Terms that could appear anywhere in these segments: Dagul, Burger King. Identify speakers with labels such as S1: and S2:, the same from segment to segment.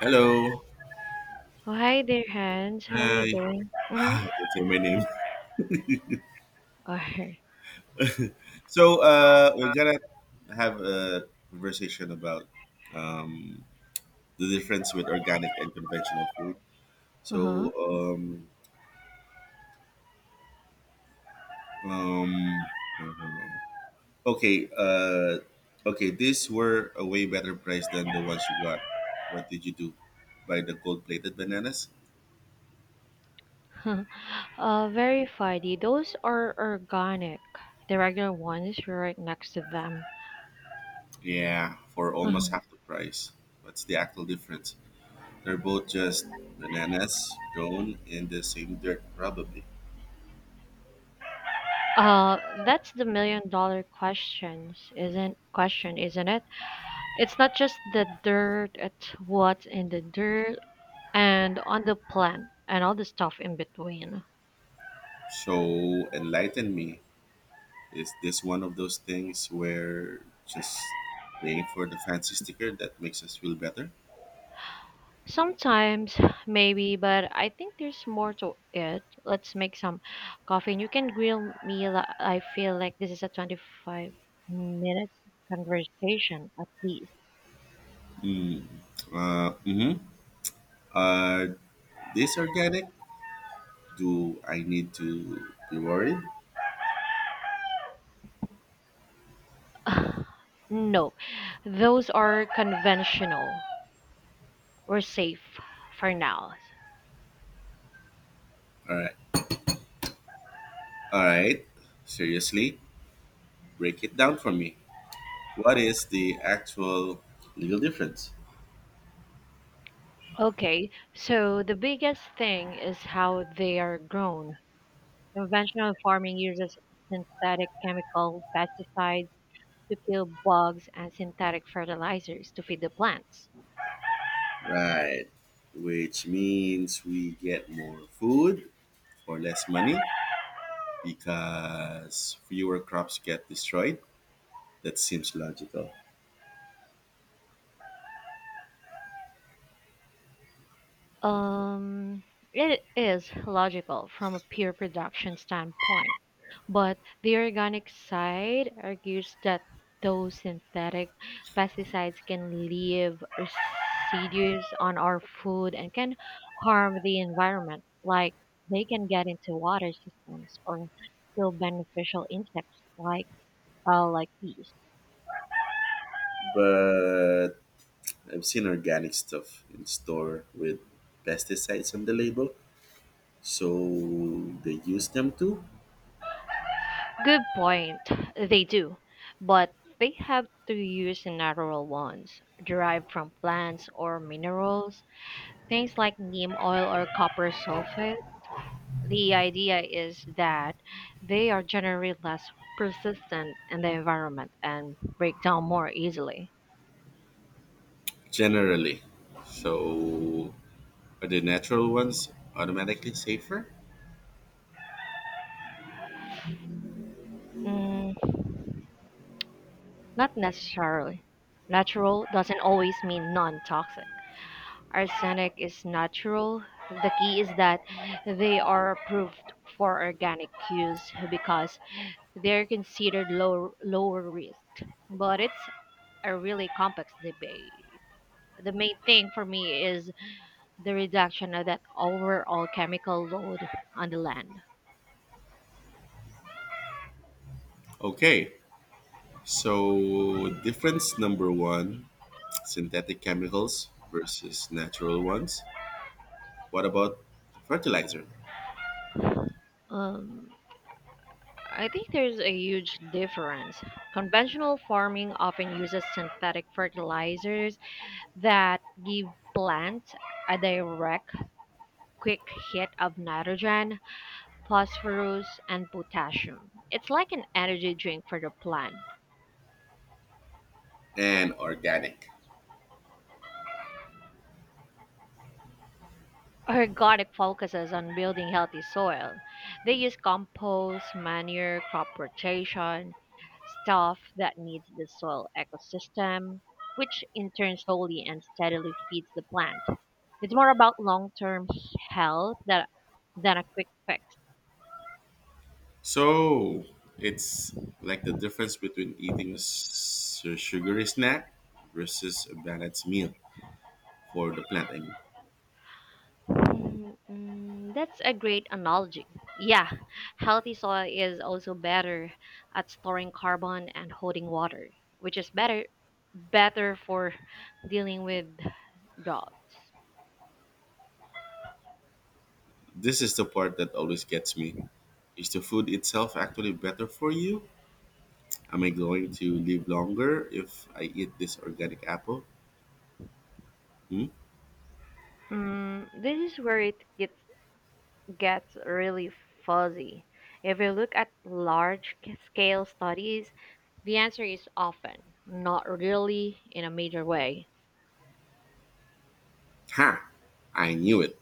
S1: Hello.
S2: Oh, hi there, Hans. How are you
S1: Hi.
S2: doing? Mhm.
S1: don't say my name.
S2: All right.
S1: So we're gonna have a conversation about um, the difference with organic and conventional food.
S2: Uh-huh.
S1: So um, um, okay, uh, okay, these were a way better price than the ones you got. What did you do? Buy the gold plated bananas?
S2: Very funny. Those are organic. The regular ones were right next to them.
S1: Yeah, for almost
S2: Uh-huh.
S1: half the price. What's the actual difference? They're both just bananas grown in the same dirt, probably.
S2: That's the million dollar question, isn't it? It's not just the dirt, it's what's in the dirt and on the plant and all the stuff in between.
S1: So, enlighten me. Is this one of those things where just paying for the fancy sticker that makes us feel better?
S2: Sometimes, maybe, but I think there's more to it. Let's make some coffee and you can grill me. I feel like this is a 25-minute conversation at least.
S1: Mm. Mm-hmm. Are these organic? Do I need to be worried?
S2: No, those are conventional. We're safe for now.
S1: All right. All right. Seriously, break it down for me. What is the actual legal difference?
S2: Okay, so the biggest thing is how they are grown. Conventional farming uses synthetic chemical pesticides to kill bugs and synthetic fertilizers to feed the plants.
S1: Right. Which means we get more food for less money because fewer crops get destroyed. That seems logical.
S2: Um, it is logical from a pure production standpoint, but the organic side argues that those synthetic pesticides can leave residues on our food and can harm the environment, like they can get into water systems or kill beneficial insects like bees.
S1: But I've seen organic stuff in store with pesticides on the label. So they use them too?
S2: Good point. They do, but they have to use natural ones derived from plants or minerals, things like neem oil or copper sulfate. The idea is that they are generally less persistent in the environment and break down more easily.
S1: Generally. So are the natural ones automatically safer?
S2: Mm, Not necessarily. Natural doesn't always mean non toxic. Arsenic is natural. The key is that they are approved for organic use because they're considered lower risk. But it's a really complex debate. The main thing for me is the reduction of that overall chemical load on the land.
S1: Okay. So, difference number one synthetic chemicals versus natural ones. What about fertilizer
S2: Um, I think there's a huge difference. Conventional farming often uses synthetic fertilizers that give plants a direct quick hit of nitrogen, phosphorus, and potassium. It's like an energy drink for the plant.
S1: and organic?
S2: Organic focuses on building healthy soil. They use compost, manure, crop rotation, stuff that needs the soil ecosystem, which in turn slowly and steadily feeds the plant. It's more about long term health than a quick fix.
S1: So, it's like the difference between eating a sugary snack versus a balanced meal for the plant. I mean,
S2: That's a great analogy. Yeah, healthy soil is also better at storing carbon and holding water, which is better for dealing with droughts.
S1: this is the part that always gets me. Is the food itself actually better for you? Am I going to live longer if I eat this organic apple? Hmm?
S2: This is where it gets really fuzzy. If you look at large scale studies, the answer is often not really in a major way.
S1: Ha! I knew it.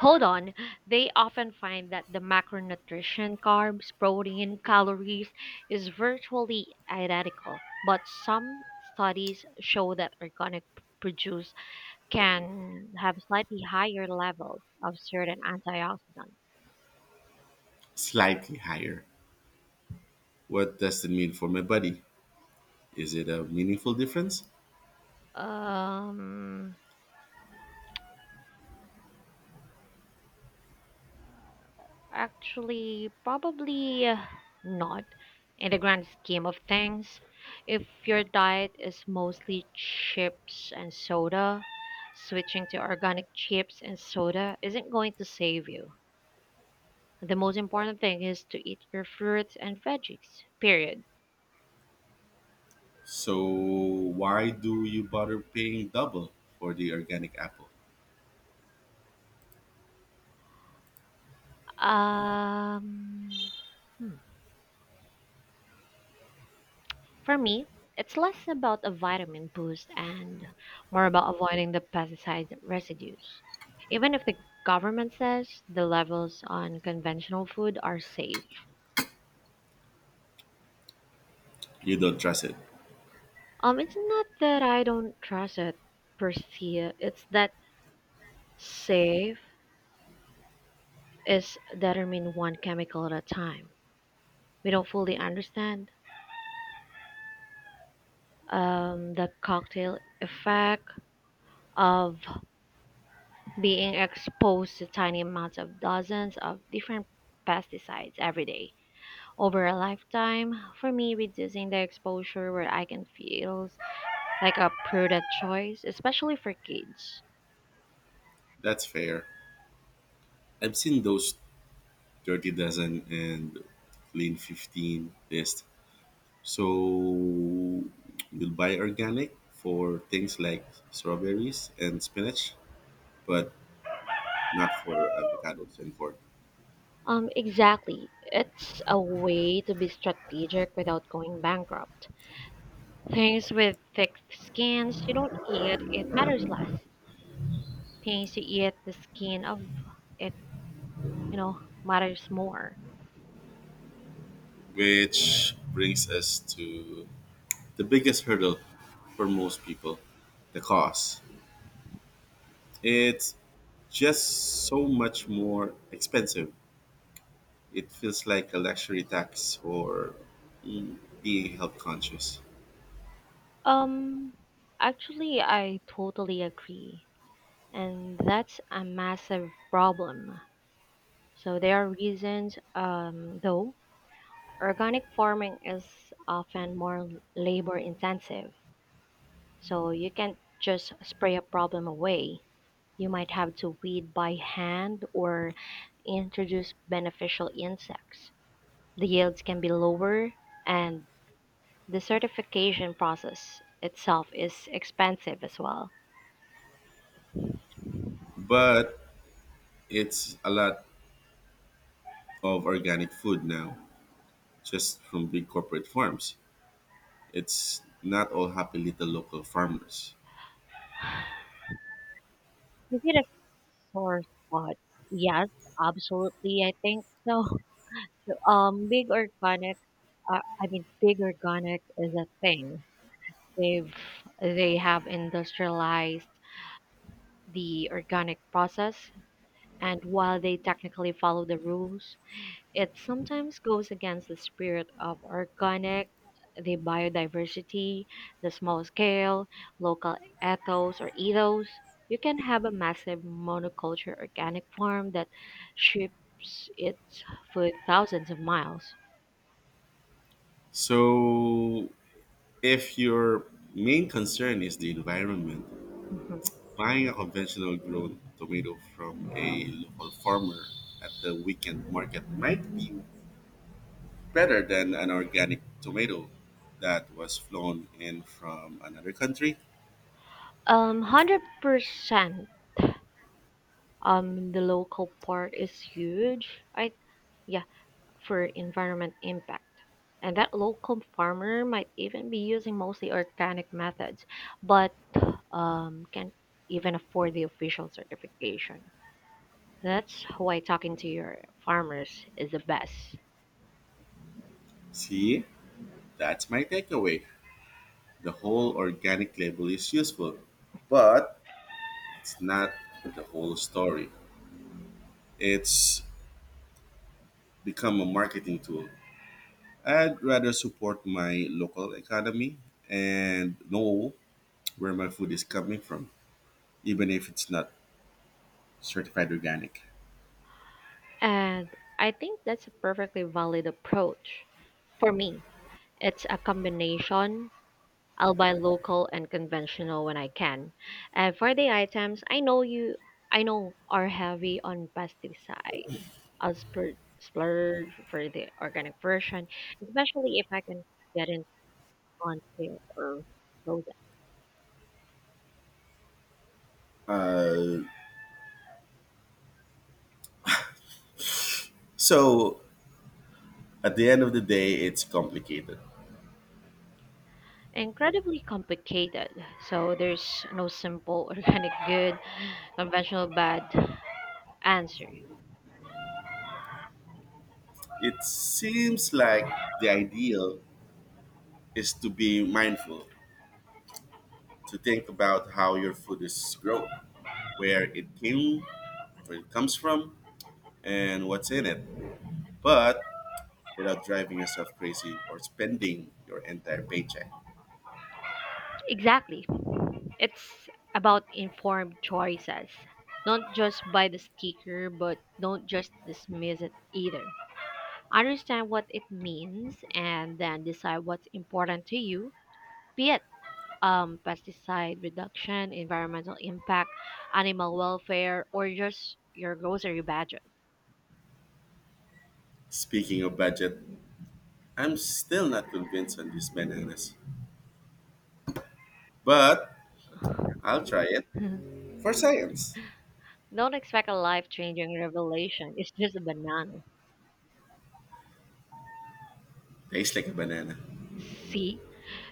S2: Hold on, they often find that the macronutrition carbs, protein, calories is virtually identical, but some studies show that organic produce can have slightly higher levels of certain antioxidants.
S1: Slightly higher. What does it mean for my body? Is it a meaningful difference?
S2: Um Actually, probably not. In the grand scheme of things, if your diet is mostly chips and soda, switching to organic chips and soda isn't going to save you. The most important thing is to eat your fruits and veggies, period.
S1: So why do you bother paying double for the organic apple?
S2: Um, hmm. For me, it's less about a vitamin boost and more about avoiding the pesticide residues. Even if the government says the levels on conventional food are safe,
S1: You don't trust it.
S2: it's not that I don't trust it per se. It's that safe is determined one chemical at a time. We don't fully understand the cocktail effect of being exposed to tiny amounts of dozens of different pesticides every day over a lifetime. For me, reducing the exposure where I can feels like a prudent choice, especially for kids.
S1: That's fair. I've seen those dirty dozen and clean 15 list. So you'll buy organic for things like strawberries and spinach, but not for avocados and pork.
S2: Exactly. It's a way to be strategic without going bankrupt. Things with thick skins you don't eat, it matters less. Things you eat, the skin of it, you know, matters more.
S1: Which brings us to the biggest hurdle for most people, the cost. It's just so much more expensive, it feels like a luxury tax or, mm, being health conscious.
S2: Um, Actually, I totally agree. And that's a massive problem. So there are reasons, though, organic farming is often more labor intensive. So you can't just spray a problem away. You might have to weed by hand or introduce beneficial insects. The yields can be lower, and the certification process itself is expensive as well.
S1: But it's a lot of organic food now, just from big corporate farms. It's not all happy little local farmers.
S2: Is it a sore spot? Yes, absolutely. I think so. Big organic, I mean, big organic is a thing. They've they have industrialized the organic process, and while they technically follow the rules, it sometimes goes against the spirit of organic, the biodiversity, the small scale, local ethos or ethos. You can have a massive monoculture organic farm that ships its food thousands of miles.
S1: So if your main concern is the environment,
S2: Mhm.
S1: buying a conventional grown tomato from a local farmer at the weekend market might be better than an organic tomato that was flown in from another country.
S2: 100%. The local part is huge. I, yeah, for environment impact, and that local farmer might even be using mostly organic methods, but can't even afford the official certification. That's why talking to your farmers is the best,
S1: See, that's my takeaway. The whole organic label is useful, but it's not the whole story. It's become a marketing tool. I'd rather support my local economy and know where my food is coming from, even if it's not certified organic.
S2: and I think that's a perfectly valid approach. For me, it's a combination. I'll buy local and conventional when I can. And for the items, I know are heavy on pesticides. I'll splurge for the organic version, especially if I can get it on sale or frozen.
S1: So at the end of the day, it's complicated.
S2: Incredibly complicated. So there's no simple organic good, conventional bad answer.
S1: It seems like the ideal is to be mindful, to think about how your food is grown, where it came, where it comes from, and what's in it, but without driving yourself crazy or spending your entire paycheck.
S2: Exactly. It's about informed choices. Don't just buy the sticker, but don't just dismiss it either. Understand what it means and then decide what's important to you, be it pesticide reduction, environmental impact, animal welfare, or just your grocery budget.
S1: Speaking of budget, I'm still not convinced on these bananas, but I'll try it for science.
S2: Don't expect a life changing revelation. It's just a banana.
S1: Tastes like a banana.
S2: See,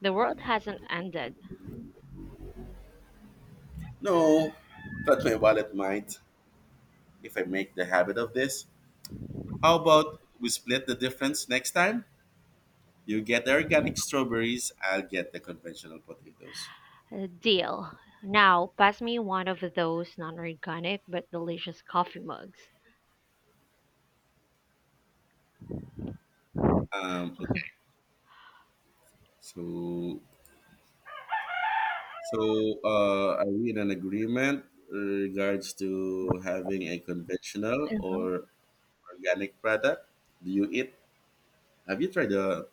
S2: the world hasn't ended.
S1: No, but my wallet might, if I make the habit of this. How about we split the difference next time? You get the organic strawberries, I'll get the conventional potatoes.
S2: Deal. Now, pass me one of those non-organic but delicious coffee mugs.
S1: Okay. So, so are we in an agreement in regards to having a conventional
S2: Uh-huh.
S1: or organic product? Do you eat? Have you tried the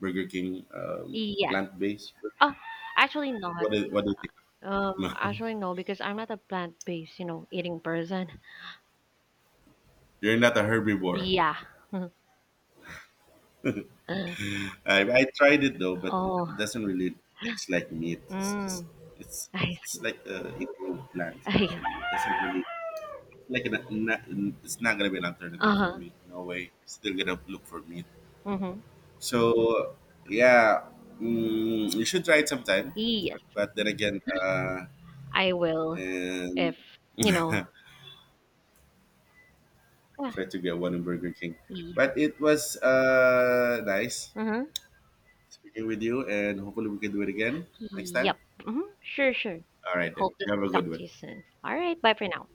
S1: Burger King
S2: Yes.
S1: plant-based burger?
S2: Oh, actually not.
S1: What is it? No,
S2: Actually, no, because I'm not a plant-based, eating person.
S1: you're not a herbivore.
S2: Yeah.
S1: I tried it though, but
S2: Oh.
S1: it doesn't really taste like meat. It's just
S2: Mm,
S1: it's
S2: I see.
S1: it's like a improved plant
S2: I,
S1: actually. It doesn't really like an, not, it's not gonna be an alternative for
S2: uh-huh.
S1: me. No way. Still gonna look for meat.
S2: Mm-hmm.
S1: So yeah, you should try it sometime.
S2: Yes,
S1: But then again,
S2: I will
S1: and
S2: if, you know. Yeah.
S1: try to get one in Burger King. But it was nice
S2: Mm-hmm.
S1: speaking with you, and hopefully we can do it again next time.
S2: Yep. Mm-hmm. Sure, sure.
S1: All right then.
S2: Hope to
S1: You have a good
S2: talk to
S1: one.
S2: you soon. All right, bye for now.